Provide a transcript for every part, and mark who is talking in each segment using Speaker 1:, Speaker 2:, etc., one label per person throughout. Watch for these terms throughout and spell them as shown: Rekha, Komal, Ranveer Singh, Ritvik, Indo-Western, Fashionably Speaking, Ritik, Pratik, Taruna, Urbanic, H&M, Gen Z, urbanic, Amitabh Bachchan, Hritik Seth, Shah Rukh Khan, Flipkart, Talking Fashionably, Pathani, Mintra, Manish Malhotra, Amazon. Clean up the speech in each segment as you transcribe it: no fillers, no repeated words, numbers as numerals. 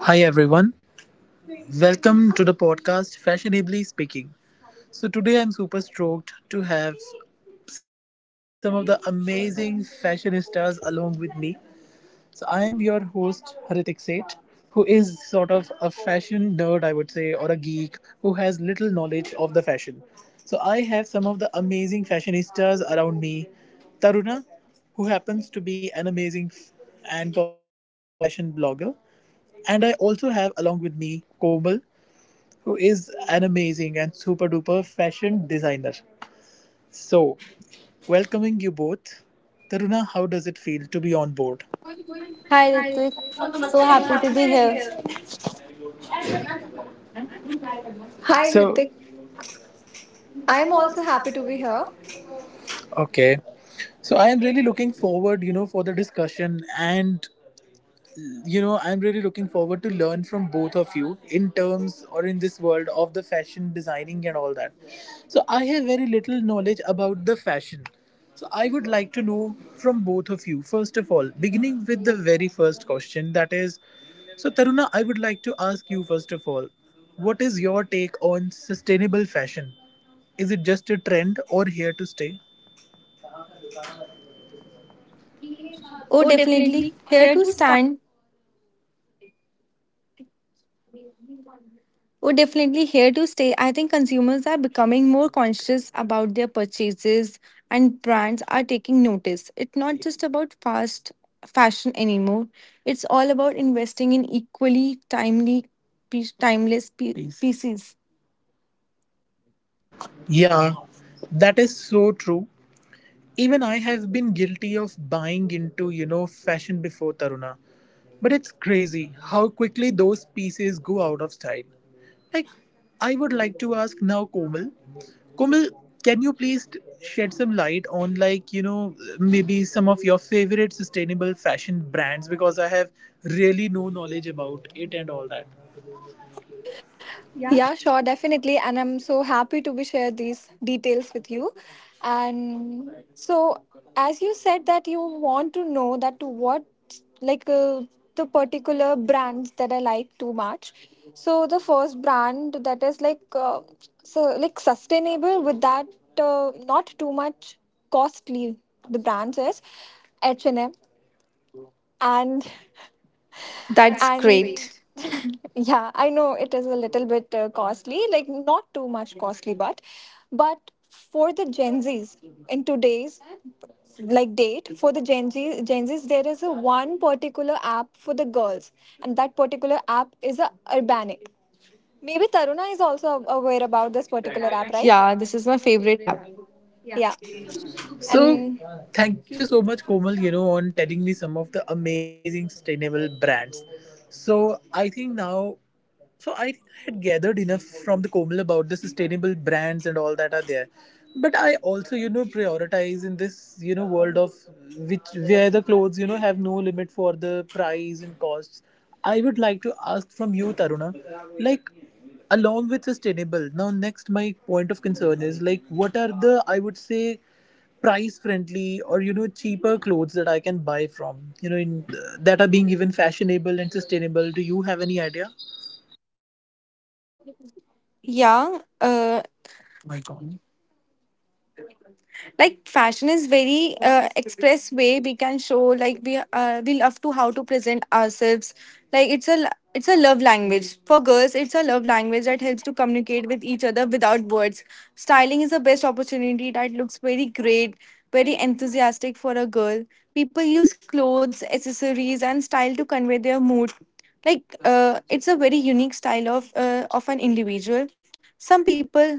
Speaker 1: Hi everyone, welcome to the podcast Fashionably Speaking. So today I'm super stoked to have some of the amazing fashionistas along with me. So I am your host Hritik Seth, who is sort of a fashion nerd, I would say, or a geek who has little knowledge of the fashion. So I have some of the amazing fashionistas around me. Taruna, who happens to be an amazing and popular fashion blogger, and I also have along with me Komal, who is an amazing and super duper fashion designer. So, welcoming you both. Taruna, how does it feel to be on board?
Speaker 2: Hi
Speaker 1: Hi,
Speaker 2: Ritvik,
Speaker 1: Ritu. I'm
Speaker 2: so
Speaker 1: so
Speaker 2: happy
Speaker 1: happy
Speaker 2: to be
Speaker 1: to be
Speaker 2: here.
Speaker 1: here.
Speaker 3: Hi
Speaker 1: So,
Speaker 3: Ritik.
Speaker 1: I'm
Speaker 3: I'm
Speaker 1: also
Speaker 3: also
Speaker 1: happy
Speaker 3: happy
Speaker 1: to
Speaker 3: to
Speaker 1: be
Speaker 3: be here.
Speaker 1: here. Okay. So, I am really looking forward, for the discussion and you know I'm really looking forward to learn from both of you in terms or in this world of the fashion designing and all that. So I have very little knowledge about the fashion, so I would like to know from both of you, first of all, beginning with the very first question, that is, so Taruna, I would like to ask you first of all, what is your take on sustainable fashion? Is it just a trend or here to stay?
Speaker 2: Oh,
Speaker 1: Oh,
Speaker 2: definitely
Speaker 1: definitely.
Speaker 2: here
Speaker 1: Here
Speaker 2: to
Speaker 1: to start.
Speaker 2: stand. Oh, definitely here to stay. I think consumers are becoming more conscious about their purchases, and brands are taking notice. It's not just about fast fashion anymore. It's all about investing in equally timely, piece- timeless pie- pieces.
Speaker 1: Yeah, that is so true. Even I have been guilty of buying into, fashion before Taruna. But it's crazy how quickly those pieces go out of style. Like, I would like to ask now, Komal. Komal, can you please shed some light on, like, maybe some of your favorite sustainable fashion brands? Because I have really no knowledge about it and all that.
Speaker 3: Yeah, sure, definitely. And I'm so happy to be share these details with you. And so as you said that you want to know that to what like uh, the particular brands that I like too much. So the first brand that is so like sustainable with that not too much costly the brands is H&M and M and That's
Speaker 2: That's
Speaker 3: and
Speaker 2: great.
Speaker 3: great. Yeah, I know it is a little bit costly, like not too much costly, but for the gen z's in today's like date for the gen z's there is a one particular app for the girls, and that particular app is a urbanic. Maybe Taruna is also aware about this particular app, right?
Speaker 2: Yeah, this is my favorite app.
Speaker 3: Yeah.
Speaker 1: So,
Speaker 3: And
Speaker 1: thank you so much, Komal, you know, on telling me some of the amazing sustainable brands. So, I think now so, I think I had gathered enough from the Komal about the sustainable brands and all that are there. But I also, you know, prioritize in this, you know, world of which where the clothes, you know, have no limit for the price and costs. I would like to ask from you, Taruna, like along with sustainable. Now, next, my point of concern is like, what are the, I would say, price friendly or you know cheaper clothes that I can buy from? You know, in that are being even fashionable and sustainable. Do you have any idea?
Speaker 2: Yeah, like fashion is very express way we can show, like we love to how to present ourselves, like it's a love language for girls. It's a love language that helps to communicate with each other without words. Styling is the best opportunity that looks very great, very enthusiastic for a girl. People use clothes, accessories, and style to convey their mood, like it's a very unique style of of an individual. Some people,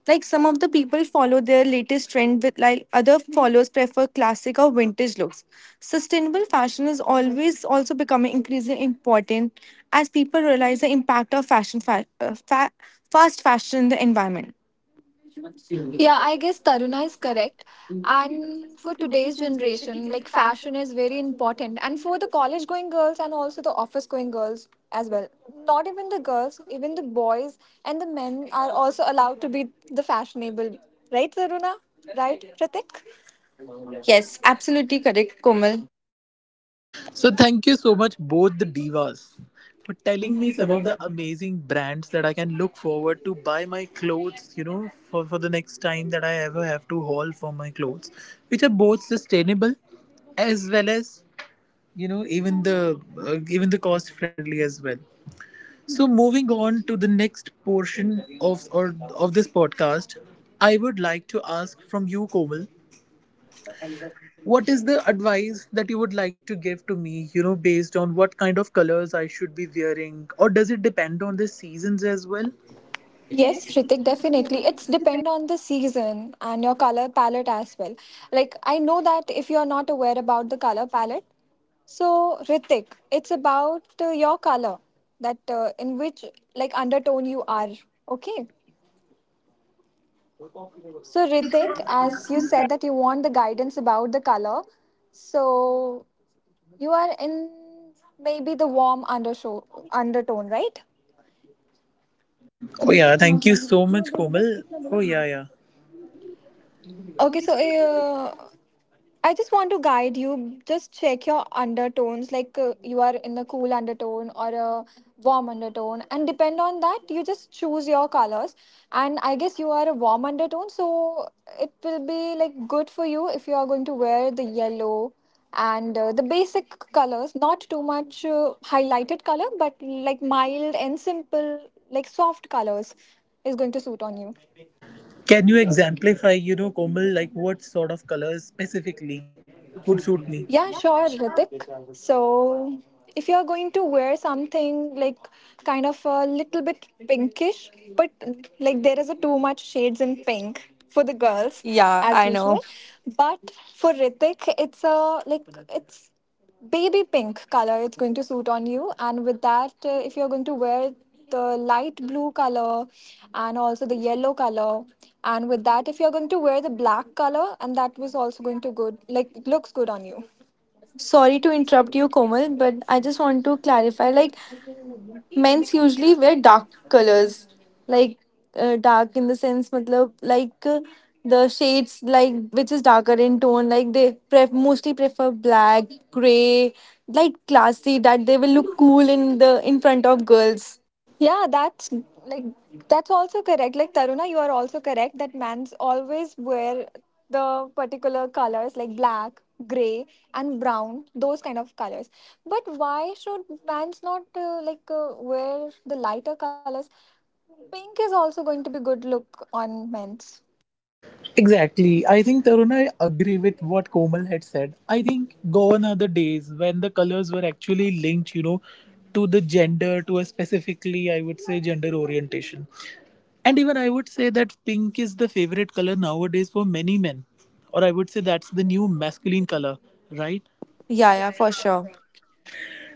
Speaker 2: like some of the people follow their latest trend, with like other followers prefer classic or vintage looks. Sustainable fashion is always also becoming increasingly important as people realize the impact of fast fashion in the environment.
Speaker 3: yeah, I guess Taruna is correct. And for today's generation, like fashion is very important. And for the college going girls and also the office going girls as well. Not even the girls, even the boys and the men are also allowed to be the fashionable. Right, Taruna? Right, Pratik?
Speaker 2: Yes, absolutely correct, Komal.
Speaker 1: So thank you so much, both the divas, for telling
Speaker 3: Telling
Speaker 1: me
Speaker 3: me
Speaker 1: some
Speaker 3: some
Speaker 1: of
Speaker 3: of the.
Speaker 1: the amazing brands that I can look forward to buy my clothes, you know, for the next time that I ever have to haul for my clothes, which are both sustainable as well as, you know, even the cost friendly as well. So moving on to the next portion of or of this podcast, I would like to ask from you, Komal, what is the advice that you would like to give to me, you know, based on what kind of colors I should be wearing? Or does it depend on the seasons as well?
Speaker 3: Yes,
Speaker 1: Yes, it
Speaker 3: Ritik,
Speaker 1: will
Speaker 3: definitely.
Speaker 1: definitely
Speaker 3: It's
Speaker 1: it's
Speaker 3: depend on the season and your color palette as well. Like I know that if you are not aware about the color palette, so Ritik, it's about your color, that in which like undertone you are. Okay. So Ritik,
Speaker 1: because
Speaker 3: as
Speaker 1: as
Speaker 3: you
Speaker 1: you said.
Speaker 3: said that you want the guidance about the color, so you are in maybe the warm undershow undertone, right?
Speaker 1: Oh, yeah. Thank you so much, Komal. Oh, yeah, yeah.
Speaker 3: Okay,
Speaker 1: Okay,
Speaker 3: so
Speaker 1: so
Speaker 3: I just want to guide you. Just check your undertones, like you are in the cool undertone or a warm undertone, and depend on that, you just choose your colors. And I guess you are a warm undertone, so it will be like good for you if you are going to wear the yellow and the basic colors, not too much highlighted color, but like mild and simple, like soft colors is going to suit on
Speaker 1: can you exemplify, you know, Komal, like what sort of colors specifically would suit
Speaker 3: you.
Speaker 1: me?
Speaker 3: Yeah,
Speaker 1: Yeah,
Speaker 3: sure,
Speaker 1: sure.
Speaker 3: Ritik. So, if you're going to wear something like kind of a little bit pinkish, but like there is a too much shades in pink for the girls
Speaker 2: Yeah,
Speaker 3: as
Speaker 2: I
Speaker 3: usual,
Speaker 2: know.
Speaker 3: but for Ritik, it's a like it's baby pink color, it's going to suit on you. And with that, if you're going to wear the light blue color and also the yellow color, and with that if you're going to wear the black color, and that was also going to good, like looks good on you.
Speaker 2: Sorry to interrupt you, Komal, but I just want to clarify, like men's usually wear dark colors, like dark in the sense matlab, like the shades like which is darker in tone, like they mostly prefer black, gray, like classy, that they will look cool in the in front of girls.
Speaker 3: Yeah, like that's also correct. Like Taruna, you are also correct that men's always wear the particular colors like black, gray, and brown, those kind of colors. But why should men's not wear the lighter colors? Pink is also going to be good look on men's.
Speaker 1: Exactly. I think Taruna, I agree with what Komal had said. I think gone are the days when the colors were actually linked, you know, to the gender, to a specifically, I would say, gender orientation. And even I would say that pink is the favorite color nowadays for many men. Or I would say that's the new masculine color, right?
Speaker 2: Yeah, yeah, for sure.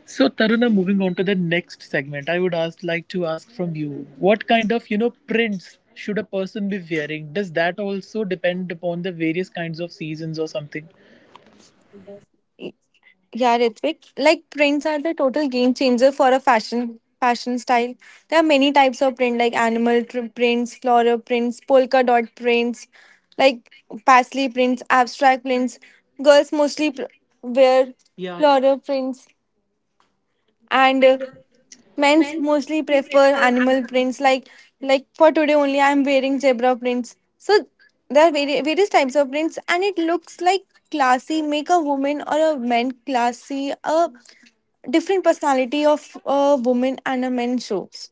Speaker 1: So Taruna, moving on to the next segment, I would ask like to ask from you, what kind of you know prints should a person be wearing? Does that also depend upon the various kinds of seasons or something?
Speaker 2: Yeah, Ritvik. Like prints are the total game changer for a fashion style. There are many types of print, like animal prints, floral prints, polka dot prints, like paisley prints, abstract prints. Girls mostly wear floral prints, and men's
Speaker 1: Men's
Speaker 2: mostly
Speaker 1: mostly
Speaker 2: prefer
Speaker 1: prefer
Speaker 2: animal
Speaker 1: animal.
Speaker 2: prints. Like for today only, I'm wearing zebra prints. So there are various types of prints, and it looks like classy. Make a woman or a man classy. A different personality of a woman and a man shows.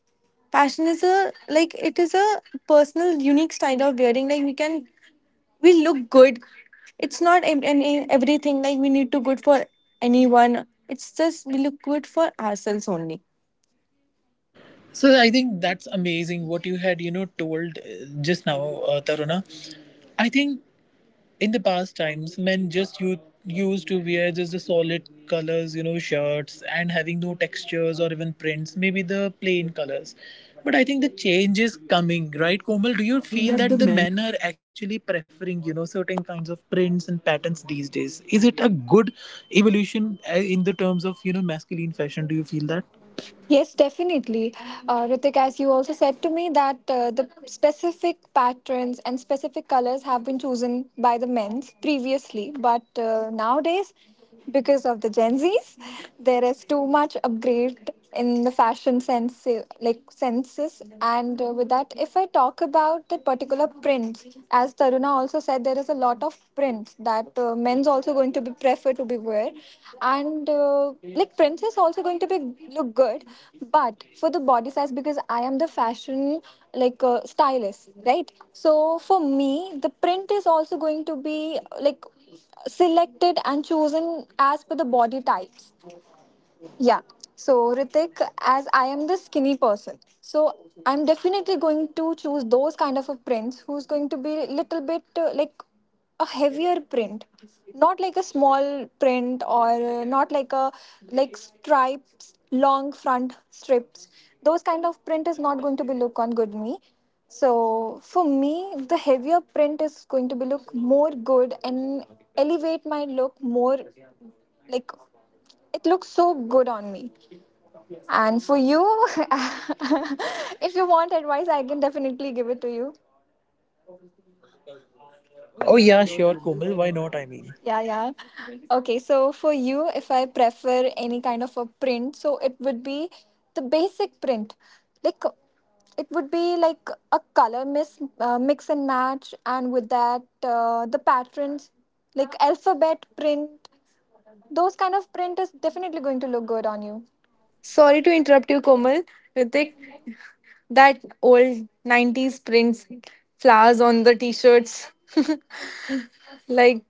Speaker 2: Fashion is a, like it is a personal, unique style of wearing. Like we can, we look good. It's not any everything, like we need to good for anyone. It's just we look good for ourselves only.
Speaker 1: So I think that's amazing what you had you know told just now, Taruna. I think in the past times men just used to wear just the solid colors, you know, shirts, and having no textures or even prints, maybe the plain colors. But I think the change is coming, right, Komal? Do you
Speaker 3: Feel
Speaker 1: feel
Speaker 3: that the
Speaker 1: that the
Speaker 3: men.
Speaker 1: men are actually preferring, you know, certain kinds of prints and patterns these days? Is it a good evolution in the terms of you know masculine fashion? Do you feel that?
Speaker 3: Yes, definitely. Ritik, as you also said to me, that the specific patterns and specific colors have been chosen by the men's previously, but nowadays, because of the Gen Zs, there is too much upgrade in the fashion sense, like senses. And with that, if I talk about the particular prints, as Taruna also said, there is a lot of prints that men's also going to be prefer to be wear, and like prints is also going to be look good, but for the body size because I am the fashion stylist, right? So for me, the print is also going to be like selected and chosen as per the body types, yeah. So, Ritik, as I am the skinny person, so I'm definitely going to choose those kind of a prints who's going to be little bit a heavier print, not like a small print or not like a like stripes, long front strips. Those kind of print is not going to be look on good me. So for me, the heavier print is going to be look more good and elevate my look more, like it looks so good on me. And for you, if you want advice, I can definitely give it to you.
Speaker 1: Oh
Speaker 3: Yeah,
Speaker 1: yeah, sure, Komal. Why not? I mean,
Speaker 3: yeah. Okay, so for you, if I prefer any kind of a print, so it would be the basic print. Like it would be like a color mix, mix and match, and with that, the patterns, like alphabet print. Those kind of print is definitely going to look good on you.
Speaker 2: Sorry to interrupt you, Komal. Ritik, that old 90s prints, flowers on the t-shirts. Like,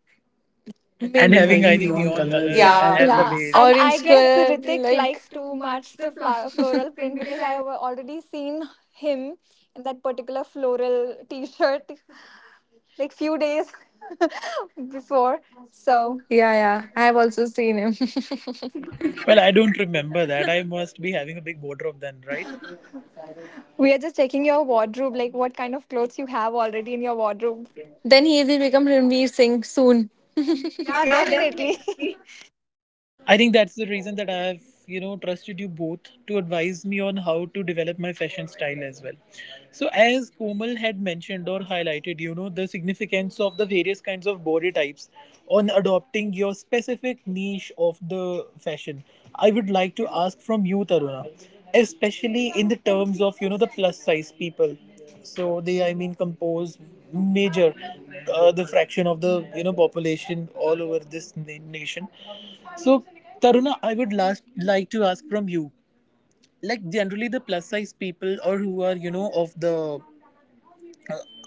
Speaker 2: I
Speaker 1: and
Speaker 2: maybe
Speaker 3: Having, I
Speaker 1: having I
Speaker 2: neon,
Speaker 3: think the
Speaker 1: think
Speaker 3: own
Speaker 1: neon
Speaker 3: colors. Yeah.
Speaker 1: colors
Speaker 3: As
Speaker 2: yeah,
Speaker 1: as the
Speaker 3: yeah,
Speaker 1: base.
Speaker 3: and I
Speaker 2: orange
Speaker 3: guess
Speaker 2: color,
Speaker 3: Ritik
Speaker 2: like.
Speaker 3: likes to match the floral print, because I have already seen him in that particular floral T-shirt like few days before. So
Speaker 2: Yeah, yeah. I have also seen him.
Speaker 1: Well, I don't remember that. I must be having a big wardrobe then, right?
Speaker 3: we are just checking your wardrobe, like what kind of clothes you have already in your wardrobe.
Speaker 2: Then he will become Ranveer Singh soon.
Speaker 3: Yeah, definitely.
Speaker 1: I think that's the reason that I have, you know, trusted you both to advise me on how to develop my fashion style as well. So, as Komal had mentioned or highlighted, you know, the significance of the various kinds of body types on adopting your specific niche of the fashion, I would like to ask from you, Taruna, especially in the terms of, you know, the plus size people. So they, I mean, compose major the fraction of the you know population all over this nation. So Taruna, I would last like to ask from you, like generally the plus size people or who are you know of the,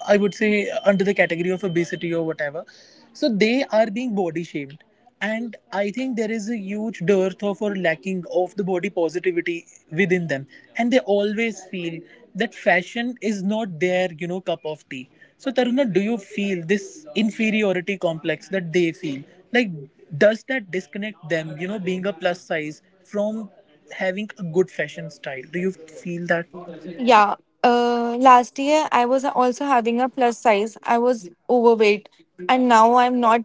Speaker 1: I would say, under the category of obesity or whatever. So they are being body shamed. And I think there is a huge dearth of or lacking of the body positivity within them. And they always feel that fashion is not their, you know, cup of tea. So Taruna, do you feel this inferiority complex that they feel? Like, does that disconnect them, you know, being a plus size from having a good fashion style? Do you feel that?
Speaker 2: Yeah. Last year I was also having a plus size. I was overweight, and now I'm not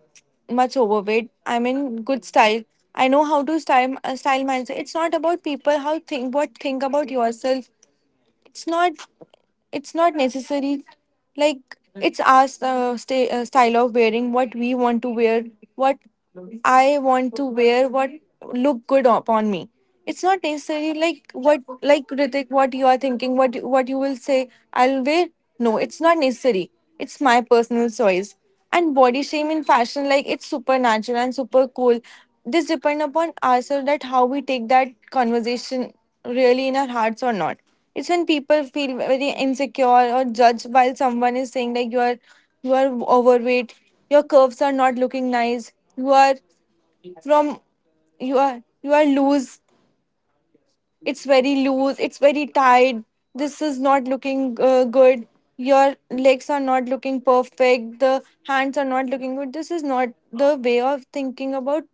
Speaker 2: much overweight. I'm in good style. I know how to style myself. It's not about people how think what think about yourself. It's not it's not necessary, like it's our sta style of wearing what we want to wear, what I want to wear, what look good upon me. It's not necessarily like what, like Ritik, what you are thinking, what you will say, I'll wear. No, it's not necessary. It's my personal choice. And body shame in fashion, like it's supernatural and super cool. This depend upon ourselves that how we take that conversation really in our hearts or not. It's when people feel very insecure or judged while someone is saying like you are overweight, your curves are not looking nice, you are from you are loose, it's very loose, it's very tight, this is not looking good, your legs are not looking perfect, the hands are not looking good. This is not the way of thinking about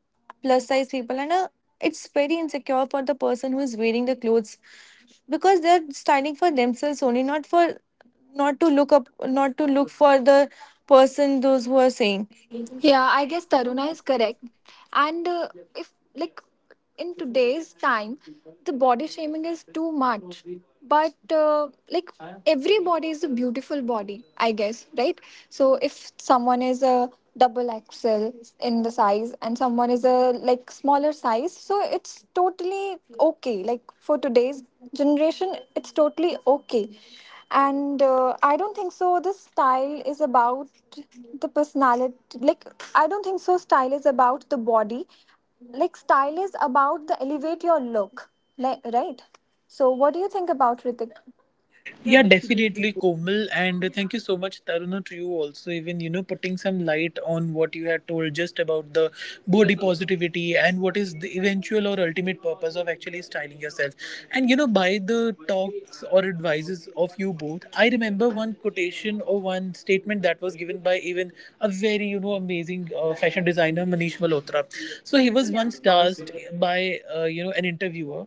Speaker 2: plus size people, and it's very insecure for the person who is wearing the clothes, because they're styling for themselves only, not for not to look up, not to look for the person those who are saying.
Speaker 3: Yeah, I guess Taruna is correct. And if, like, in today's time, the body shaming is too much. But, like, every body is a beautiful body, I guess, right? So, if someone is a double XL in the size and someone is a, like, smaller size, so it's totally okay. Like, for today's generation, it's totally okay. And I don't think so the style is about the personality. Like I don't think so style is about the body. Like style is about the elevate your look, like, right? So what do you think about Ritik? Yeah,
Speaker 1: Yeah,
Speaker 3: definitely.
Speaker 1: definitely, Komal. And thank you so much, Taruna, to you also, even, you know, putting some light on what you had told just about the body positivity and what is the eventual or ultimate purpose of actually styling yourself. And, you know, by the talks or advices of you both, I remember one quotation or one statement that was given by even a very, you know, amazing fashion designer, Manish Malhotra. So he was once
Speaker 3: Does
Speaker 1: asked by, you know, an interviewer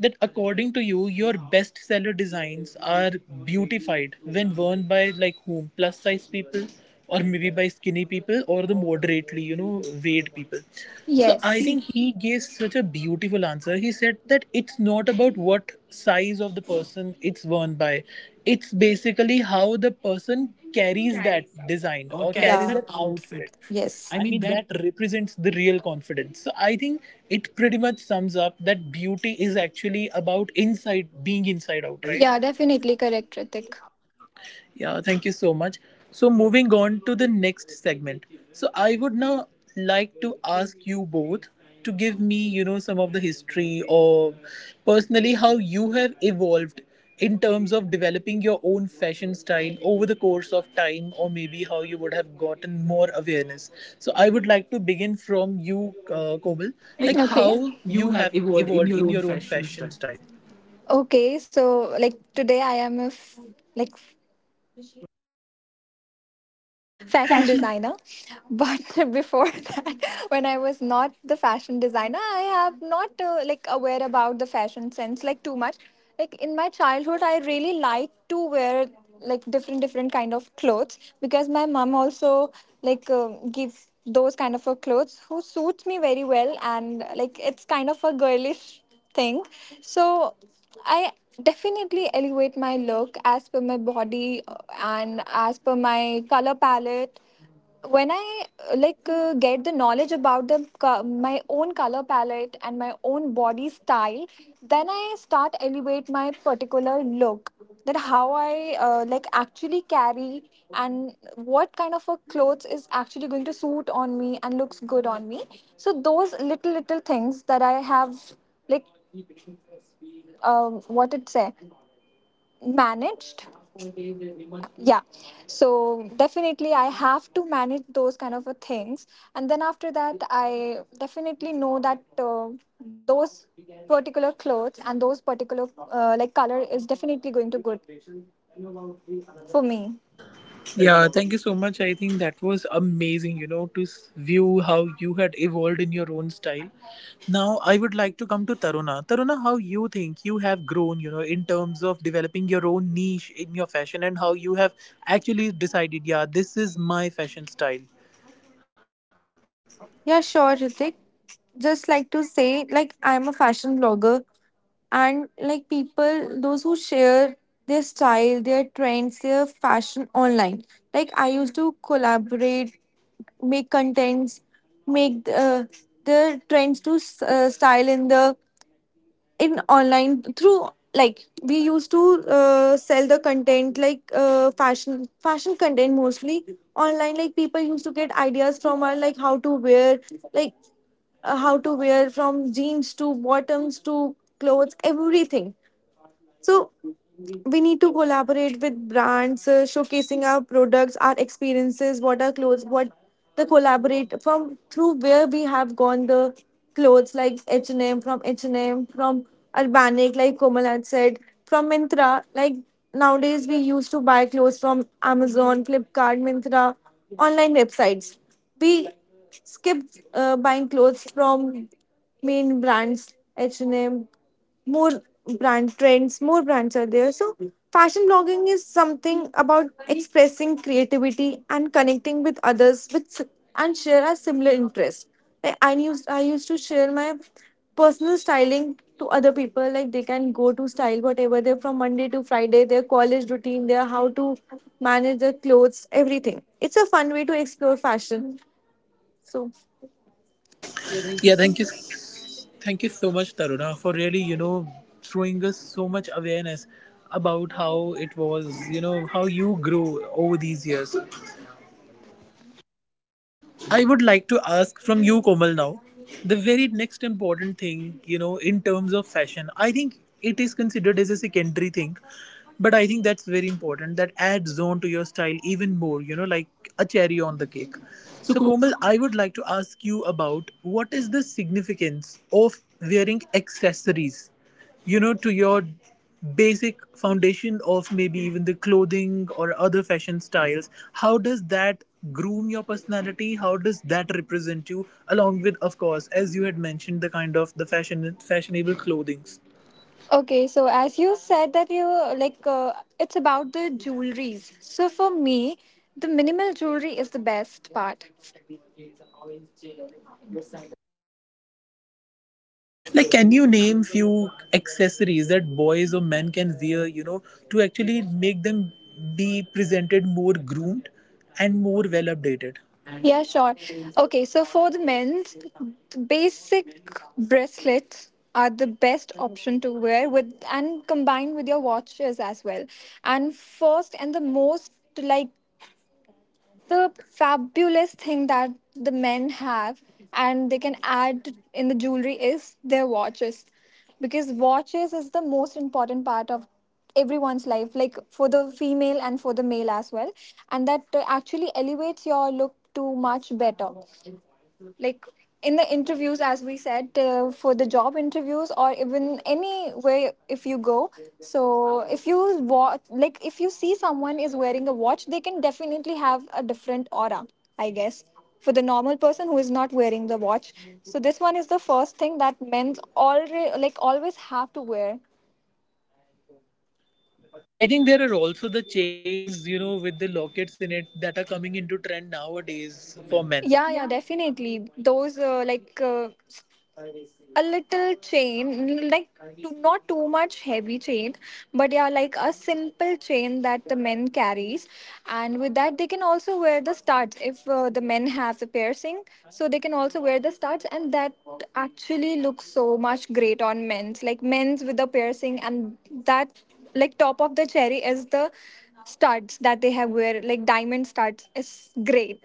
Speaker 1: that according to you, your bestseller designs are beautified when worn by like whom? Plus size people, or maybe by skinny people, or the moderately, you know, weighed people. So I
Speaker 3: yes,
Speaker 1: think he gave such a beautiful answer. He said that it's not about what size of the person it's worn by. It's basically how the person carries that design or
Speaker 2: Okay, yeah.
Speaker 1: carries that outfit.
Speaker 2: Yes.
Speaker 1: I mean, that represents the real confidence. So I think it pretty much sums up that beauty is actually about inside, being inside out,
Speaker 3: right?
Speaker 1: right?
Speaker 3: Yeah, definitely correct Ritik.
Speaker 1: Yeah, thank you so much. So, moving on to the next segment. So, I would now like to ask you both to give me, you know, some of the history or personally how you have evolved in terms of developing your own fashion style over the course of time or maybe how you would have gotten more awareness. So, I would like to begin from you, Komal,
Speaker 3: Like
Speaker 1: like
Speaker 3: okay, how
Speaker 1: how
Speaker 3: you
Speaker 1: you
Speaker 3: have
Speaker 1: have
Speaker 3: evolved
Speaker 1: evolved
Speaker 3: in
Speaker 1: in
Speaker 3: your
Speaker 1: your
Speaker 3: own
Speaker 1: own
Speaker 3: fashion
Speaker 1: fashion
Speaker 3: style.
Speaker 1: style.
Speaker 3: Okay, so like today I am a like fashion designer. But before that, when I was not the fashion designer, I have not aware about the fashion sense like too much. Like in my childhood, I really liked to wear like different different kind of clothes because my mom also like gives those kind of a clothes who suits me very well, and like it's kind of a girlish thing. So I definitely elevate my look as per my body and as per my color palette. When I get the knowledge about the my own color palette and my own body style, then I start elevate my particular look. That how I actually carry and what kind of a clothes is actually going to suit on me and looks good on me. So those little little things that I have like what it say, managed. Yeah, so definitely I have to manage those kind of a things. And then after that I definitely know that those particular clothes and those particular color is definitely going to good for me.
Speaker 1: Yeah, thank you so much. I think that was amazing, you know, to view how you had evolved in your own style. Now, I would like to come to Taruna. Taruna, how you think you have grown, you know, in terms of developing your own niche in your fashion and how you have actually decided, yeah, this is my fashion style.
Speaker 2: Yeah, sure, Ritik. Just like to say, like, I'm a fashion blogger, and like people, those who share their style, their trends, their fashion online. Like, I used to collaborate, make contents, make the trends to style in the in online, through like we used to sell the content, like uh, fashion content mostly online, like people used to get ideas from our, like how to wear, like how to wear from jeans to bottoms to clothes, everything. So we need to collaborate with brands, showcasing our products, our experiences, what our clothes, what the collaborate from, through where we have gone, the clothes like H&M, from Urbanic like Komal had said, from Mintra, like nowadays we used to buy clothes from Amazon, Flipkart, Mintra, online websites. We skip buying clothes from main brands, H&M, more brand trends, more brands are there. So fashion blogging is something about expressing creativity and connecting with others with and share a similar interest. Like I used to share my personal styling to other people. Like they can go to style whatever they're from Monday to Friday, their college routine, their how to manage their clothes, everything. It's a fun way to explore fashion. So.
Speaker 1: Yeah, thank you. Thank you so much, Taruna, for really, you know, showing us so much awareness about how it was, you know, how you grew over these years. I would like to ask from you, Komal, now the very next important thing, you know, in terms of fashion. I think it is considered as a secondary thing, but I think that's very important. That adds on to your style even more, you know, like a cherry on the cake.
Speaker 3: So
Speaker 1: So,
Speaker 3: cool.
Speaker 1: Komal, I would like to ask you about what is the significance of wearing accessories, you know, to your basic foundation of maybe even the clothing or other fashion styles. How does that groom your personality? How does that represent you? Along with, of course, as you had mentioned, the kind of the fashionable clothings.
Speaker 3: Okay, so as you said that you it's about the jewelries. So for me, the minimal jewelry is the best part.
Speaker 1: Like, can you name few accessories that boys or men can wear, you know, to actually make them be presented more groomed and more well updated?
Speaker 3: Yeah, sure. Okay, so for the men's, basic bracelets are the best option to wear with and combined with your watches as well. And first and the most like the fabulous thing that the men have and they can add in the jewelry is their watches, because watches is the most important part of everyone's life, like for the female and for the male as well. And that actually elevates your look to much better, like in the interviews as we said, for the job interviews or even any way if you go. So if you watch, like if you see someone is wearing a watch, they can definitely have a different aura, I guess, for the normal person who is not wearing the watch. So this one is the first thing that men's already like always have to wear.
Speaker 1: I think there are also the chains, you know, with the lockets in it that are coming into trend nowadays for men.
Speaker 3: Yeah, yeah, definitely those a little chain, like too, not too much heavy chain, but yeah, like a simple chain that the men carries. And with that they can also wear the studs if the men have the piercing, so they can also wear the studs, and that actually looks so much great on men's, like men's with the piercing, and that like top of the cherry is the studs that they have wear, like diamond studs, is great.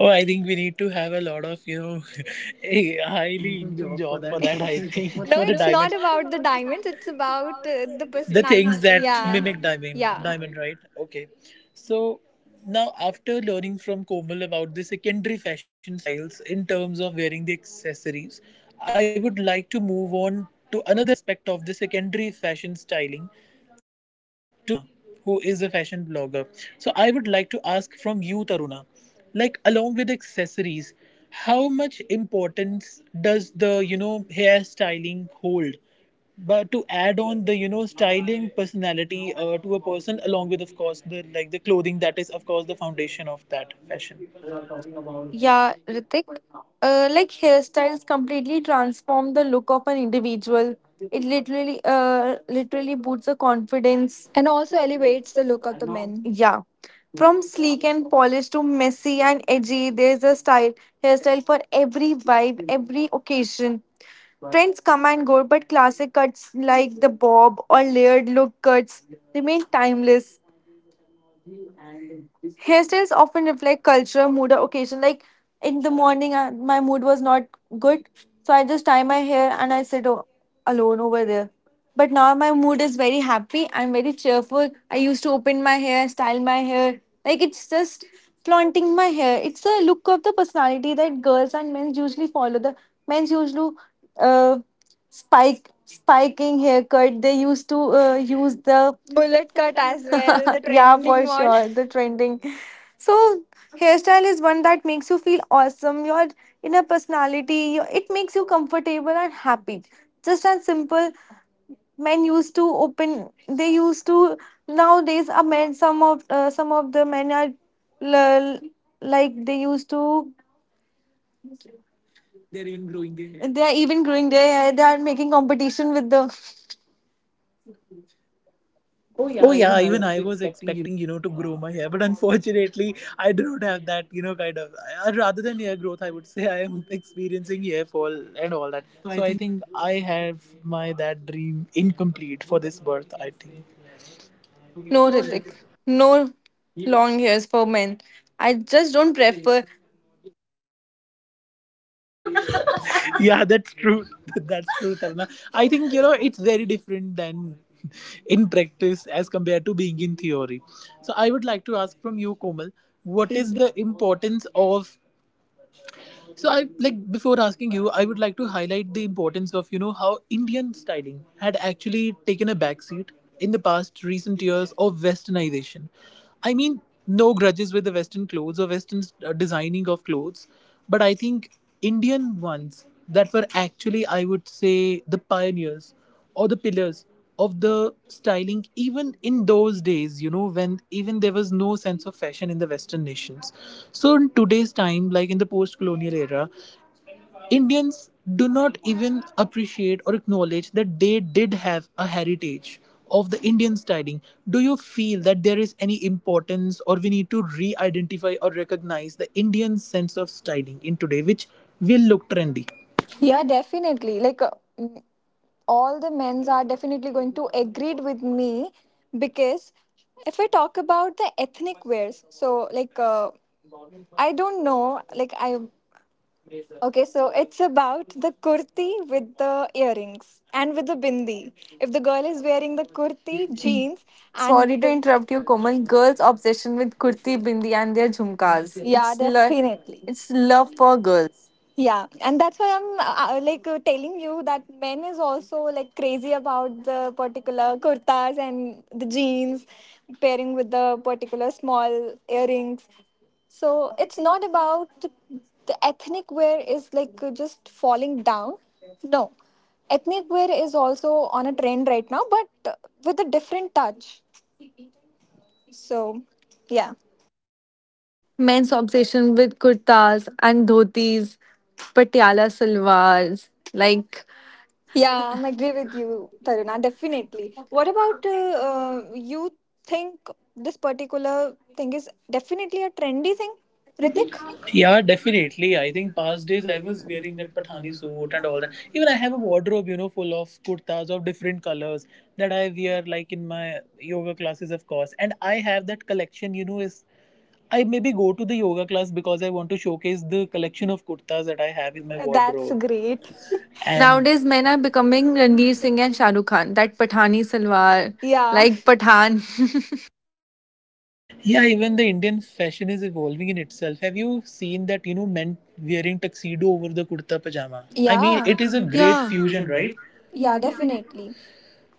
Speaker 1: Oh, I think we need to have a lot of, you know, a highly income
Speaker 3: Job for
Speaker 1: job
Speaker 3: that.
Speaker 1: for that, I think,
Speaker 3: No,
Speaker 1: for the
Speaker 3: it's
Speaker 1: no, it's diamonds.
Speaker 3: not about the diamonds, it's about the takes
Speaker 1: The
Speaker 3: personal.
Speaker 1: things that
Speaker 3: Yeah,
Speaker 1: mimic
Speaker 3: timing,
Speaker 1: diamond,
Speaker 3: yeah, right?
Speaker 1: right? Okay. So now, after learning from Komal about the secondary fashion styles in terms of wearing the accessories, I would like to move on to another aspect of the secondary fashion styling, to Taruna, who is a fashion blogger. So I would like to ask from you, Taruna, like along with accessories, how much importance does the hairstyling hold? But to add on the styling personality to a person, along with of course the like the clothing that is of course the foundation of that fashion.
Speaker 2: Yeah, Ritik. Like hairstyles completely transform the look of an individual. It literally boosts the confidence.
Speaker 3: And also elevates the look of the men.
Speaker 2: Yeah, from sleek and polished to messy and edgy, there's a style hairstyle for every vibe, every occasion. Trends come and go, but classic cuts like the bob or layered look cuts remain timeless. Hairstyles often reflect culture, mood, or occasion. Like in the morning, I, my mood was not good, so I just tie my hair and I alone over there. But now my mood is very happy. I'm very cheerful. I used to open my hair, style my hair. Like it's just flaunting my hair. It's a look of the personality that girls and men usually follow. The men's usually uh, spike spiking haircut. They used to use the
Speaker 3: Mullet cut as well, the
Speaker 2: yeah
Speaker 3: trending
Speaker 2: for
Speaker 3: one.
Speaker 2: sure the trending. So, hairstyle is one that makes you feel awesome, your inner personality, your, it makes you comfortable and happy. Just as simple, men used to open, they used to, nowadays, a men, some of the men are l- like they used to, they're even growing their hair. They are even growing their hair, they are making competition with the.
Speaker 1: Oh yeah, even I was expecting to grow my hair, but unfortunately, I do not have that kind of. Rather than hair growth, I would say I am experiencing hair fall and all that. So I think I have my that dream incomplete for this birth, I think.
Speaker 2: No, Ritik, no long hairs for men. I just don't prefer.
Speaker 1: Yeah, that's true. That's true, Tarna. I think it's very different than in practice as compared to being in theory. So I would like to ask from you, Komal, what
Speaker 3: What is
Speaker 1: is
Speaker 3: the
Speaker 1: the importance of— so I like before asking you, I would like to highlight the importance of how Indian styling had actually taken a backseat in the past recent years of westernization. I mean, no grudges with the western clothes or western designing of clothes, but I think Indian ones that were actually, I would say, the pioneers or the pillars of the styling even in those days, when even there was no sense of fashion in the western nations. So in today's time, like in the post colonial era, Indians do not even appreciate or acknowledge that they did have a heritage of the Indian styling. Do you feel that there is any importance, or we need to re-identify or recognize the Indian sense of styling in today which will look trendy?
Speaker 3: yeah definitely like mm, all the men's are definitely going to agree with me, because if I talk about the ethnic wears, so like uh, I don't know, like I okay, so it's about the kurti with the earrings and with the bindi. If the girl is wearing the kurti, jeans, and
Speaker 2: Sorry
Speaker 3: with
Speaker 2: to
Speaker 3: the.
Speaker 2: interrupt you, Komal. Girls' obsession with kurti, bindi, and their jhumkas.
Speaker 3: Yeah,
Speaker 2: It's lo-
Speaker 3: definitely.
Speaker 2: it's love for girls.
Speaker 3: Yeah, and that's why I'm telling you that men is also like crazy about the particular kurtas and the jeans pairing with the particular small earrings. So it's not about the ethnic wear is just falling down. No, ethnic wear is also on a trend right now, but with a different touch. So yeah.
Speaker 2: Men's obsession with kurtas and dhotis, patiala salwars. Like,
Speaker 3: Yeah, I agree with you, Taruna, definitely. What about you think this particular thing is definitely a trendy thing, Ritik?
Speaker 1: Yeah,
Speaker 3: Yeah,
Speaker 1: definitely.
Speaker 3: definitely.
Speaker 1: I
Speaker 3: I
Speaker 1: think
Speaker 3: think
Speaker 1: past
Speaker 3: past
Speaker 1: days
Speaker 3: days
Speaker 1: I
Speaker 3: I was
Speaker 1: was wearing
Speaker 3: wearing
Speaker 1: that
Speaker 3: that
Speaker 1: Pathani
Speaker 3: Pathani suit
Speaker 1: suit and
Speaker 3: and
Speaker 1: all
Speaker 3: all
Speaker 1: that.
Speaker 3: that.
Speaker 1: Even
Speaker 3: Even
Speaker 1: I
Speaker 3: I
Speaker 1: have a
Speaker 3: have a
Speaker 1: wardrobe, you know, full of kurtas of different colors that I wear like in my yoga classes, of course. And I have that collection, you know. Is I maybe go to the yoga class because I want to showcase the collection of kurtas that I have
Speaker 3: have
Speaker 1: in
Speaker 3: in
Speaker 1: my
Speaker 3: my. That's
Speaker 1: wardrobe.
Speaker 3: great.
Speaker 1: And
Speaker 2: nowadays, men are becoming Ranveer Singh and Shah Rukh Khan. That Pathani salwar,
Speaker 3: Yeah.
Speaker 2: like Pathan.
Speaker 1: yeah, even the Indian fashion is evolving in itself. Have you seen that, you know, men wearing tuxedo over the kurta pajama? I mean,
Speaker 3: Yeah.
Speaker 1: it
Speaker 3: It
Speaker 2: It
Speaker 1: is
Speaker 3: is
Speaker 2: is
Speaker 1: a
Speaker 3: a
Speaker 2: a
Speaker 3: great.
Speaker 1: great
Speaker 2: yeah
Speaker 1: fusion,
Speaker 2: fusion,
Speaker 1: right?
Speaker 2: right?
Speaker 3: Yeah, definitely.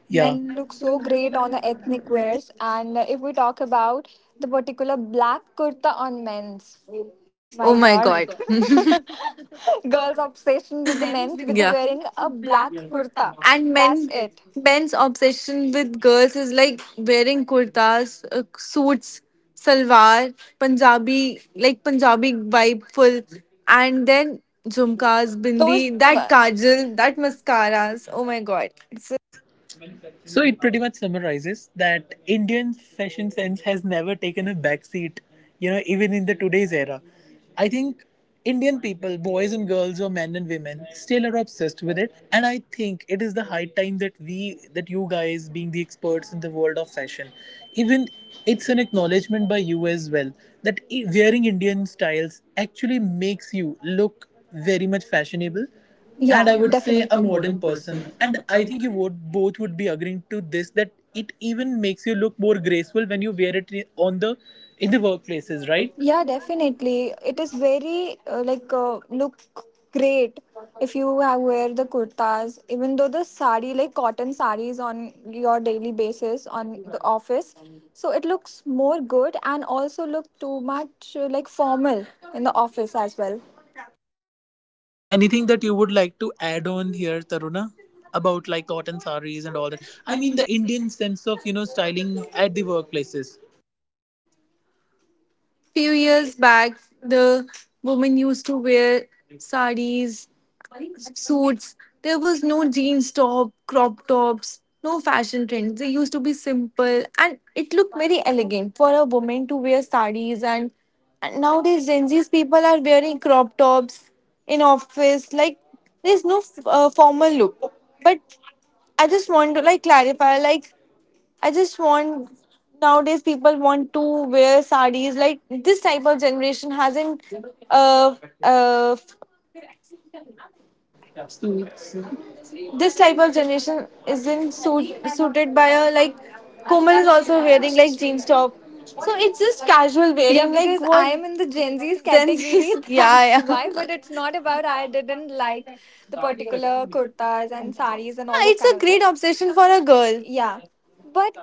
Speaker 1: Yeah.
Speaker 3: Men look so great on the ethnic wears. And if we talk about the particular black kurta on men's, my
Speaker 2: Oh my
Speaker 3: god.
Speaker 2: god.
Speaker 3: Girls' obsession with the men with the
Speaker 2: Yeah.
Speaker 3: wearing a black kurta.
Speaker 2: And
Speaker 3: That's
Speaker 2: men
Speaker 3: it.
Speaker 2: men's obsession with girls is like wearing kurtas, uh, suits, salwar, punjabi, like punjabi vibe full, and then jhumkas, bindi,
Speaker 3: Those.
Speaker 2: that
Speaker 3: That
Speaker 2: kajal,
Speaker 3: kajal, that
Speaker 2: that
Speaker 3: mascara.
Speaker 2: mascaras, oh my god.
Speaker 1: So it pretty much summarizes that Indian fashion sense has never taken a backseat, you know, even in the today's era. I think Indian people, boys and girls or men and women, still are obsessed with it. And I think it is the high time that we— that you guys being the experts in the world of fashion, even it's an acknowledgement by you as well that wearing Indian styles actually makes you look very much fashionable. Yeah,
Speaker 3: Yeah,
Speaker 1: and
Speaker 3: and
Speaker 1: I
Speaker 3: I was
Speaker 1: would say
Speaker 3: definitely.
Speaker 1: a
Speaker 3: A
Speaker 1: modern
Speaker 3: modern
Speaker 1: person.
Speaker 3: person,
Speaker 1: And
Speaker 3: and I
Speaker 1: I
Speaker 3: think
Speaker 1: think you would both would be agreeing to this, that it even makes you look more graceful when you wear it on the— in the workplaces, right?
Speaker 3: right. Yeah, definitely. It is very look great if you have wear the kurtas. Even though the sari, like cotton saris, on your daily basis on the office, so it looks more good and also look too much like formal in the office as well.
Speaker 1: Anything that you would like to add on here, Taruna, about like cotton sarees and all that? I mean the Indian sense of styling at the workplaces.
Speaker 2: Few years back, the women used to wear saris, suits. There was no jeans top, crop tops, no fashion trends. They used to be simple and it looked very elegant for a woman to wear sarees, and nowadays Gen Z's people are wearing crop tops in office. Like there's no formal look. But I just want to like clarify, like I just want nowadays people want to wear sarees, like this type of generation hasn't uh, uh,
Speaker 3: Yeah, so it's
Speaker 2: this type of generation isn't suited by a, like Komal is also wearing like jeans top. So it's just casual
Speaker 3: yeah,
Speaker 2: wearing, like
Speaker 3: because I
Speaker 2: what
Speaker 3: am in the Gen Z's
Speaker 2: Gen
Speaker 3: category,
Speaker 2: Z's.
Speaker 3: that's
Speaker 2: Yeah,
Speaker 3: why. But it's not about
Speaker 2: yeah.
Speaker 3: I didn't like
Speaker 2: Yeah.
Speaker 3: the particular kurtas and saris and all those
Speaker 2: It's
Speaker 3: kind
Speaker 2: a
Speaker 3: of
Speaker 2: great
Speaker 3: things.
Speaker 2: obsession for a girl.
Speaker 3: Yeah. But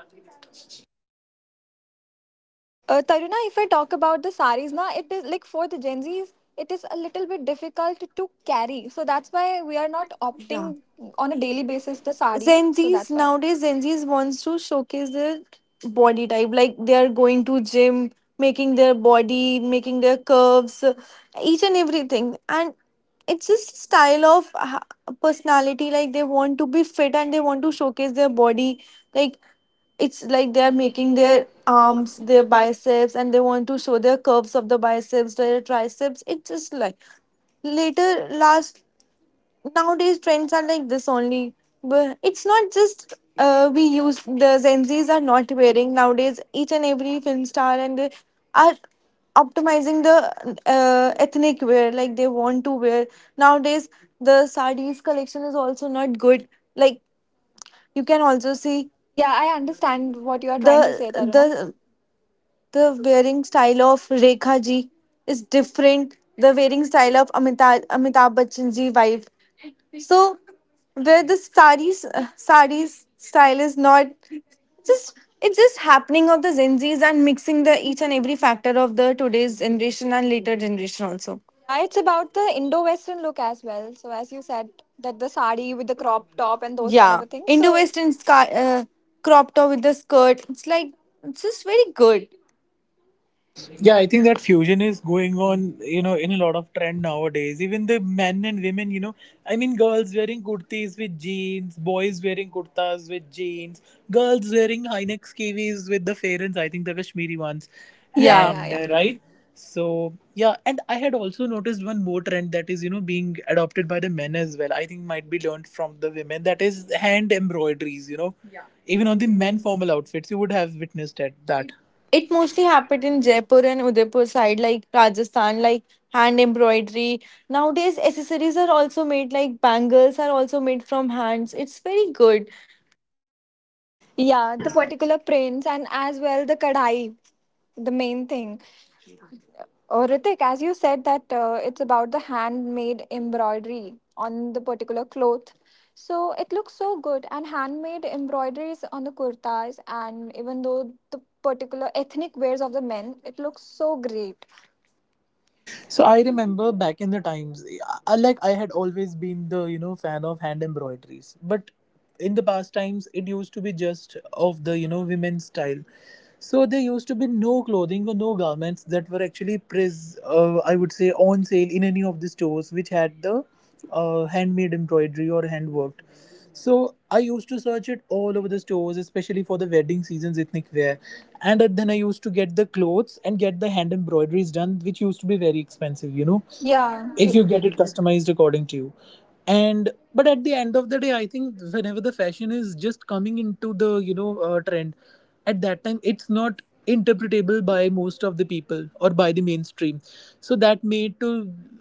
Speaker 3: Taruna, if I talk about the saris, na, it is like for the Gen Z's, it is a little bit difficult to carry. So that's why we are not
Speaker 2: Yeah.
Speaker 3: opting on a daily basis the sari.
Speaker 2: Gen
Speaker 3: So
Speaker 2: Z's
Speaker 3: that's why.
Speaker 2: nowadays Gen Z's wants to showcase their body type. Like they are going to gym, making their body, making their curves, each and everything. And it's just style of personality, like they want to be fit and they want to showcase their body, like it's like they are making their arms, their biceps, and they want to show their curves of the biceps, their triceps. It's just like later last, nowadays trends are like this only, but it's not just we use the gen z's are not wearing nowadays. Each and every film star and they are optimizing the ethnic wear, like they want to wear nowadays. The sarees collection is also not good, like you can also see.
Speaker 3: Yeah,
Speaker 2: Yeah, I
Speaker 3: I
Speaker 2: understand
Speaker 3: understand what
Speaker 2: what
Speaker 3: you
Speaker 2: you're
Speaker 3: are trying to say,
Speaker 2: the
Speaker 3: Taruna.
Speaker 2: the wearing style of Rekha ji is different. The wearing style of Amitabh Bachchan ji wife, so where the sarees sarees style is not just, it's just happening of the Gen Zs and mixing the each and every factor of the today's generation and later generation also.
Speaker 3: Yeah, it's about the Indo-Western look as well. So as you said, that the sari with the crop top and those kind of
Speaker 2: Yeah,
Speaker 3: a things.
Speaker 2: Indo
Speaker 3: So
Speaker 2: Western sky, crop top with the skirt. It's like it's just very good.
Speaker 1: Yeah, I think that fusion is going on, you know, in a lot of trend nowadays. Even the men and women, you know, I mean, girls wearing kurtis with jeans, boys wearing kurtas with jeans, girls wearing high neck skivvies with the fairens, I think the Kashmiri ones, yeah,
Speaker 3: yeah,
Speaker 2: Yeah.
Speaker 3: yeah,
Speaker 1: and
Speaker 3: yeah.
Speaker 1: right. So yeah, and I had also noticed one more trend that is, you know, being adopted by the men as well. I think might be learned from the women. That is hand embroideries, you know, yeah, even
Speaker 3: Even on
Speaker 1: on
Speaker 3: the
Speaker 1: the men
Speaker 3: men for
Speaker 1: formal outfits, you would have witnessed at that.
Speaker 2: It
Speaker 1: It
Speaker 2: mostly
Speaker 1: mostly
Speaker 2: happened in
Speaker 1: happens in—
Speaker 2: Jaipur and Udaipur side, like Rajasthan, like hand embroidery. Nowadays, accessories are also made, like bangles are also made from hands. It's very good.
Speaker 3: yeah, the particular prints and as well the kadai, the main thing. Oh, Ritik, as you said that it's about the handmade embroidery on the particular cloth. So it looks so good and handmade embroideries on the kurtas and even though the particular ethnic wears of the men, it looks so great.
Speaker 1: so I remember back in the times, I, like I had always been the fan of hand embroideries, but in the past times it used to be just of the women's style. So there used to be no clothing or no garments that were actually pres— I would say on sale in any of the stores which had the handmade embroidery or handworked. So I used to search it all over the stores, especially for the wedding season's ethnic wear. And then I used to get the clothes and get the hand embroideries done, which used to be very expensive, you know. Yeah,
Speaker 3: Yeah.
Speaker 1: if
Speaker 3: If
Speaker 1: you
Speaker 3: you
Speaker 1: get
Speaker 3: get
Speaker 1: it
Speaker 3: it
Speaker 1: customized according to you. And but at the end of the day, I think whenever the fashion is just coming into the trend, at that time it's not interpretable by most of the people or by the mainstream, so that made to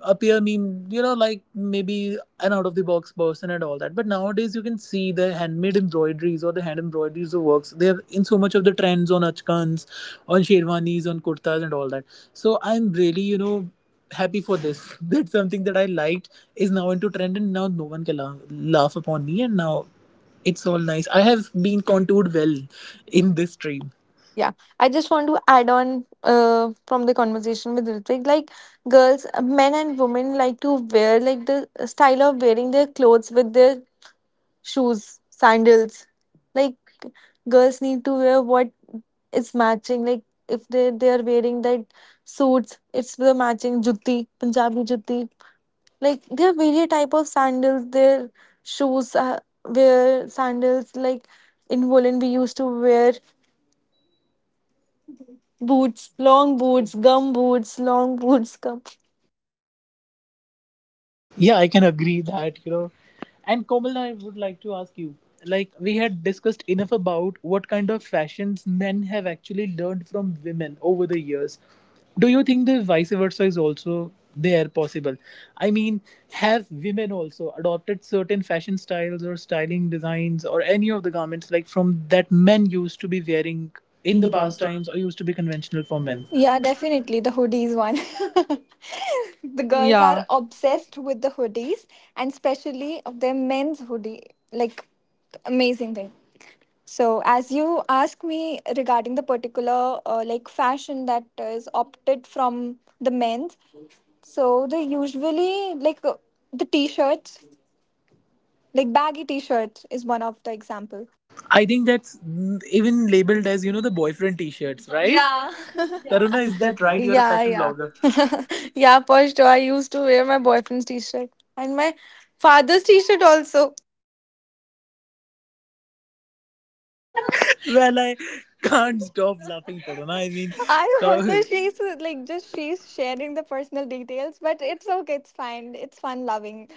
Speaker 1: appear me, you know, like maybe an out of the box person and all that. But nowadays you can see the handmade embroideries or the hand embroideries of works, they're in so much of the trends on achkans, on sherwanis, on kurtas and all that. So I'm really, you know, happy for this that something that I liked is now into trend and now no one can laugh, upon me, and now it's all nice. I have been contoured well in this stream.
Speaker 2: Yeah, I just want to add on from the conversation with Ritwik, like girls, men and women like to wear like the style of wearing their clothes with their shoes, sandals. Like girls need to wear what is matching. Like if they are wearing that suits, it's the matching jutti, Punjabi jutti. Like there are various type of sandals. Their shoes wear sandals, like in woolen we used to wear boots, long boots, gum boots, long boots, gum.
Speaker 1: Yeah, I can agree that, you know. And Komal, I would like to ask you, like, we had discussed enough about what kind of fashions men have actually learned from women over the years. Do you think the vice versa is also there possible? I mean, have women also adopted certain fashion styles or styling designs or any of the garments like from that men used to be wearing in
Speaker 3: in
Speaker 1: the
Speaker 3: the
Speaker 1: past
Speaker 3: past
Speaker 1: times or used to be conventional for
Speaker 3: from
Speaker 1: men?
Speaker 3: him. Yeah, definitely the hoodies one. The girls yeah, are
Speaker 2: Obsessed.
Speaker 3: obsessed with the hoodies and especially of their men's hoodie. Like amazing thing. So as you ask me regarding the particular like fashion that is opted from the men's, so they usually the t-shirts, like baggy t-shirts is one of the example.
Speaker 1: I think that's even labeled as, you know, the boyfriend t shirts, right? Yeah.
Speaker 3: Yeah. Yeah, that
Speaker 1: Taruna,
Speaker 3: is
Speaker 1: is
Speaker 2: Is
Speaker 1: that
Speaker 2: that
Speaker 3: that right
Speaker 1: right?
Speaker 2: right?
Speaker 1: You're a
Speaker 2: Yeah,
Speaker 1: fashion
Speaker 2: yeah.
Speaker 1: blogger.
Speaker 3: now.
Speaker 2: Yeah, for sure. I used to wear my boyfriend's t shirt and my father's t shirt also.
Speaker 1: Well, I can't stop laughing, Taruna. I mean,
Speaker 3: I
Speaker 1: how-
Speaker 3: also she's like just she's sharing the personal details, but it's okay, it's fine. It's fun loving.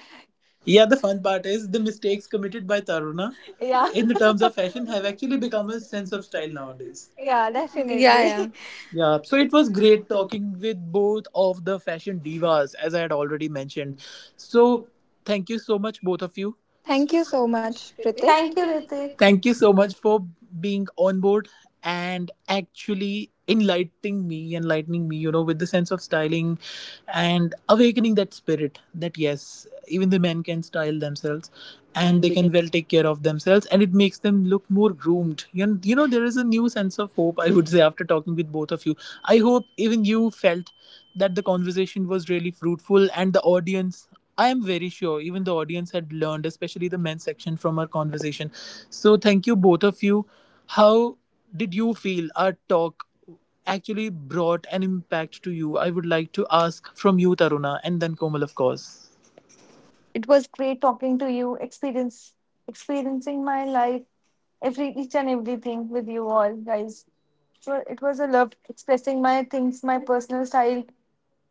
Speaker 1: yeah,
Speaker 3: Yeah,
Speaker 1: the
Speaker 3: the
Speaker 1: fun
Speaker 3: fun
Speaker 1: part
Speaker 3: part
Speaker 1: is
Speaker 3: is
Speaker 1: the
Speaker 3: the
Speaker 1: mistakes
Speaker 3: mistakes
Speaker 1: committed
Speaker 3: committed
Speaker 1: by
Speaker 3: by
Speaker 1: Taruna
Speaker 3: Taruna. Yeah.
Speaker 1: in
Speaker 3: In
Speaker 1: the
Speaker 3: the
Speaker 1: terms
Speaker 3: terms
Speaker 1: of
Speaker 3: of
Speaker 1: fashion
Speaker 3: fashion
Speaker 1: have
Speaker 3: have
Speaker 1: actually
Speaker 3: actually
Speaker 1: become
Speaker 3: become
Speaker 1: a
Speaker 3: a
Speaker 1: sense
Speaker 3: sense
Speaker 1: of
Speaker 3: of
Speaker 1: style
Speaker 3: style nowadays.
Speaker 1: nowadays.
Speaker 3: Yeah,
Speaker 2: Yeah,
Speaker 3: definitely.
Speaker 2: yeah.
Speaker 1: Yeah,
Speaker 3: Yeah,
Speaker 1: so
Speaker 3: so
Speaker 1: it
Speaker 3: it
Speaker 1: was
Speaker 3: was
Speaker 1: great
Speaker 3: great talk.
Speaker 1: talking with both of the fashion divas, as I had already mentioned. So,
Speaker 3: So,
Speaker 1: thank you so much, both of you. Thank
Speaker 3: thank
Speaker 1: you
Speaker 3: you
Speaker 1: so
Speaker 3: so
Speaker 2: Much,
Speaker 1: much,
Speaker 3: much,
Speaker 2: Ritik.
Speaker 1: Ritik.
Speaker 3: Ritik.
Speaker 1: Thank
Speaker 2: Thank you,
Speaker 1: you, Ritik.
Speaker 2: Ritik.
Speaker 3: Pritik.
Speaker 1: Thank you so much for being on board and actually enlightening me, you know, with the sense of styling and awakening that spirit, that yes, even the men can style themselves and
Speaker 3: And
Speaker 1: they
Speaker 3: they can,
Speaker 1: can well take care of themselves and it makes them look more groomed. You know, there is a new sense of hope, I would say, after talking with both of you. I hope even you felt that the conversation was really fruitful and the audience— I am very sure even the audience had learned, especially the men's section, from our conversation. So, thank you, both of you. How did you feel our talk actually brought an impact to you? I would like to ask from you, Taruna, and then Komal, of course.
Speaker 2: It was great talking to you, experience experiencing my life, every each and everything with you all, guys. So it was a love expressing my things, my personal style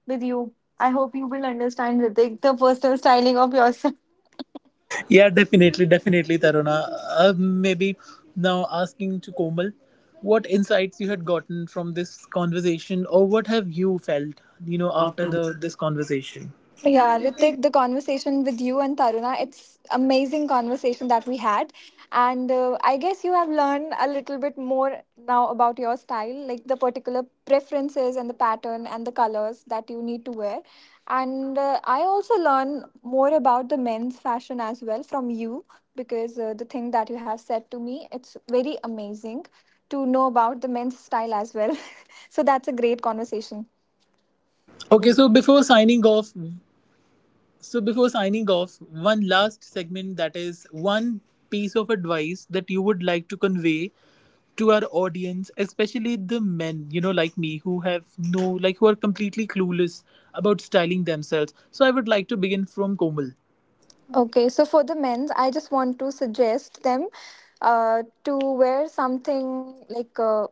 Speaker 2: with you. I hope you will understand, Ritik, the personal styling of yourself.
Speaker 1: Yeah, definitely, definitely, Taruna. Maybe now asking to Komal, what insights you had gotten from this conversation, or what have you felt, you
Speaker 3: you
Speaker 1: know,
Speaker 3: know,
Speaker 1: after
Speaker 3: after
Speaker 1: the this conversation?
Speaker 3: yeah, Ritik, the conversation with you and Taruna, it's amazing conversation that we had. And I guess you have learned a little bit more now about your style, like the particular preferences and the pattern and the colors that you need to wear. And I also learn more about the men's fashion as well from you because the thing that you have said to me, it's very amazing to know about the men's style as well. So that's a great conversation.
Speaker 1: Okay, so before signing off, one last segment, that is one piece of advice that you would like to convey to our audience, especially the men, you know, like me who have no like who are completely clueless about styling themselves. So I would like to begin from Komal.
Speaker 3: Okay, so for the men's, I just want to suggest them to wear something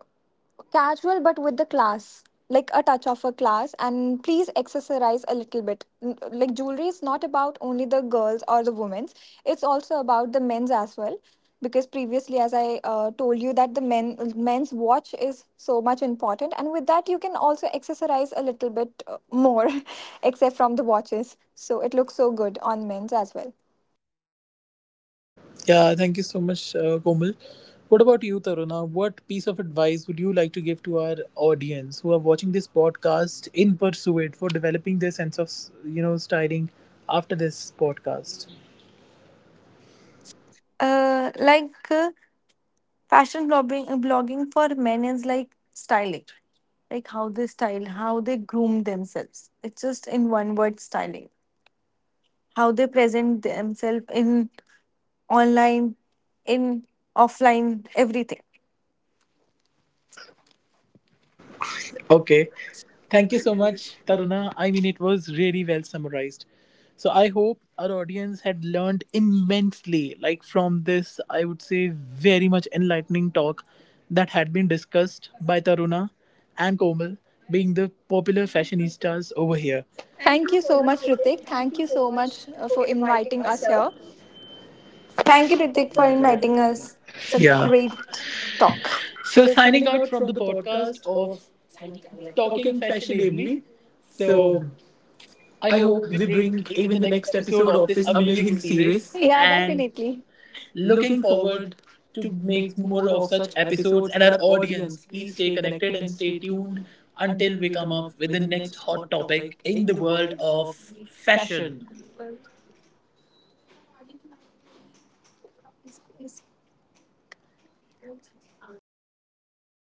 Speaker 3: casual but with the class like a touch of a class, and please accessorize a little bit N- like jewelry is not about only the girls or the women's, it's also about the men's as well, because previously as I told you that the men's watch is so much important, and with that you can also accessorize a little bit more except from the watches, so it looks so good on men's as well.
Speaker 1: Yeah, thank you so much, Komal. What about you, Taruna? What piece of advice would you like to give to our audience who are watching this podcast in pursuit for developing their sense of, you know, styling after this podcast?
Speaker 2: Uh, like uh, fashion blogging, blogging for men is like styling, like how they style, how they groom themselves. It's just in one word, styling. How they present themselves in online, in offline, everything.
Speaker 1: Okay. Thank you so much, Taruna. I mean, it was really well summarized. So I hope our audience had learned immensely, like from this, I would say, very much enlightening talk that had been discussed by Taruna and Komal, being the popular fashionistas over here. Thank
Speaker 3: Thank
Speaker 1: you
Speaker 3: you
Speaker 1: so
Speaker 3: so
Speaker 1: much,
Speaker 3: much, Ritik.
Speaker 1: Ritik. Thank
Speaker 3: Thank
Speaker 1: you
Speaker 3: you
Speaker 1: so
Speaker 3: so
Speaker 1: much
Speaker 3: much
Speaker 1: for
Speaker 3: for
Speaker 1: inviting
Speaker 3: inviting
Speaker 1: us
Speaker 3: us
Speaker 1: here.
Speaker 3: here.
Speaker 1: Thank
Speaker 2: Thank
Speaker 1: you,
Speaker 2: you, Ritik,
Speaker 1: Ritik, for
Speaker 2: for
Speaker 1: inviting
Speaker 2: inviting
Speaker 1: us.
Speaker 2: us. It's a Yeah
Speaker 1: Yeah.
Speaker 2: great talk.
Speaker 1: So
Speaker 3: So,
Speaker 1: signing
Speaker 3: signing
Speaker 1: out
Speaker 3: out
Speaker 1: from
Speaker 3: from
Speaker 1: the
Speaker 3: the
Speaker 1: podcast
Speaker 3: podcast
Speaker 1: of
Speaker 3: of
Speaker 1: talking
Speaker 3: Talking
Speaker 1: fashionably.
Speaker 3: Fashionably.
Speaker 1: So
Speaker 3: So,
Speaker 1: I
Speaker 3: I
Speaker 1: hope
Speaker 3: hope
Speaker 1: we
Speaker 3: we
Speaker 1: bring
Speaker 3: bring
Speaker 1: even
Speaker 3: even
Speaker 1: the
Speaker 3: the
Speaker 1: next
Speaker 3: next
Speaker 1: episode
Speaker 3: episode
Speaker 1: of
Speaker 3: of
Speaker 1: this
Speaker 3: this
Speaker 1: amazing
Speaker 3: amazing series.
Speaker 1: series
Speaker 3: Yeah,
Speaker 1: and
Speaker 3: definitely.
Speaker 1: looking
Speaker 3: Looking
Speaker 1: forward
Speaker 3: forward
Speaker 1: to
Speaker 3: to
Speaker 1: make
Speaker 3: make
Speaker 1: more
Speaker 3: more
Speaker 1: of
Speaker 3: of
Speaker 1: such
Speaker 3: such
Speaker 1: episodes.
Speaker 3: episodes,
Speaker 1: And
Speaker 3: and
Speaker 1: our
Speaker 3: our
Speaker 1: audience,
Speaker 3: audience,
Speaker 1: please
Speaker 3: please
Speaker 1: stay
Speaker 3: stay
Speaker 1: connected
Speaker 3: connected
Speaker 1: and
Speaker 3: and
Speaker 1: stay
Speaker 3: stay
Speaker 1: tuned
Speaker 3: tuned
Speaker 1: until
Speaker 3: until
Speaker 1: we
Speaker 3: we
Speaker 1: come
Speaker 3: come
Speaker 1: up
Speaker 3: up
Speaker 1: with
Speaker 3: with
Speaker 1: the
Speaker 3: the
Speaker 1: next
Speaker 3: next
Speaker 1: hot
Speaker 3: hot
Speaker 1: topic
Speaker 3: topic
Speaker 1: in
Speaker 3: in
Speaker 1: the
Speaker 3: the
Speaker 1: world
Speaker 3: world of
Speaker 1: of
Speaker 3: fashion.
Speaker 1: fashion.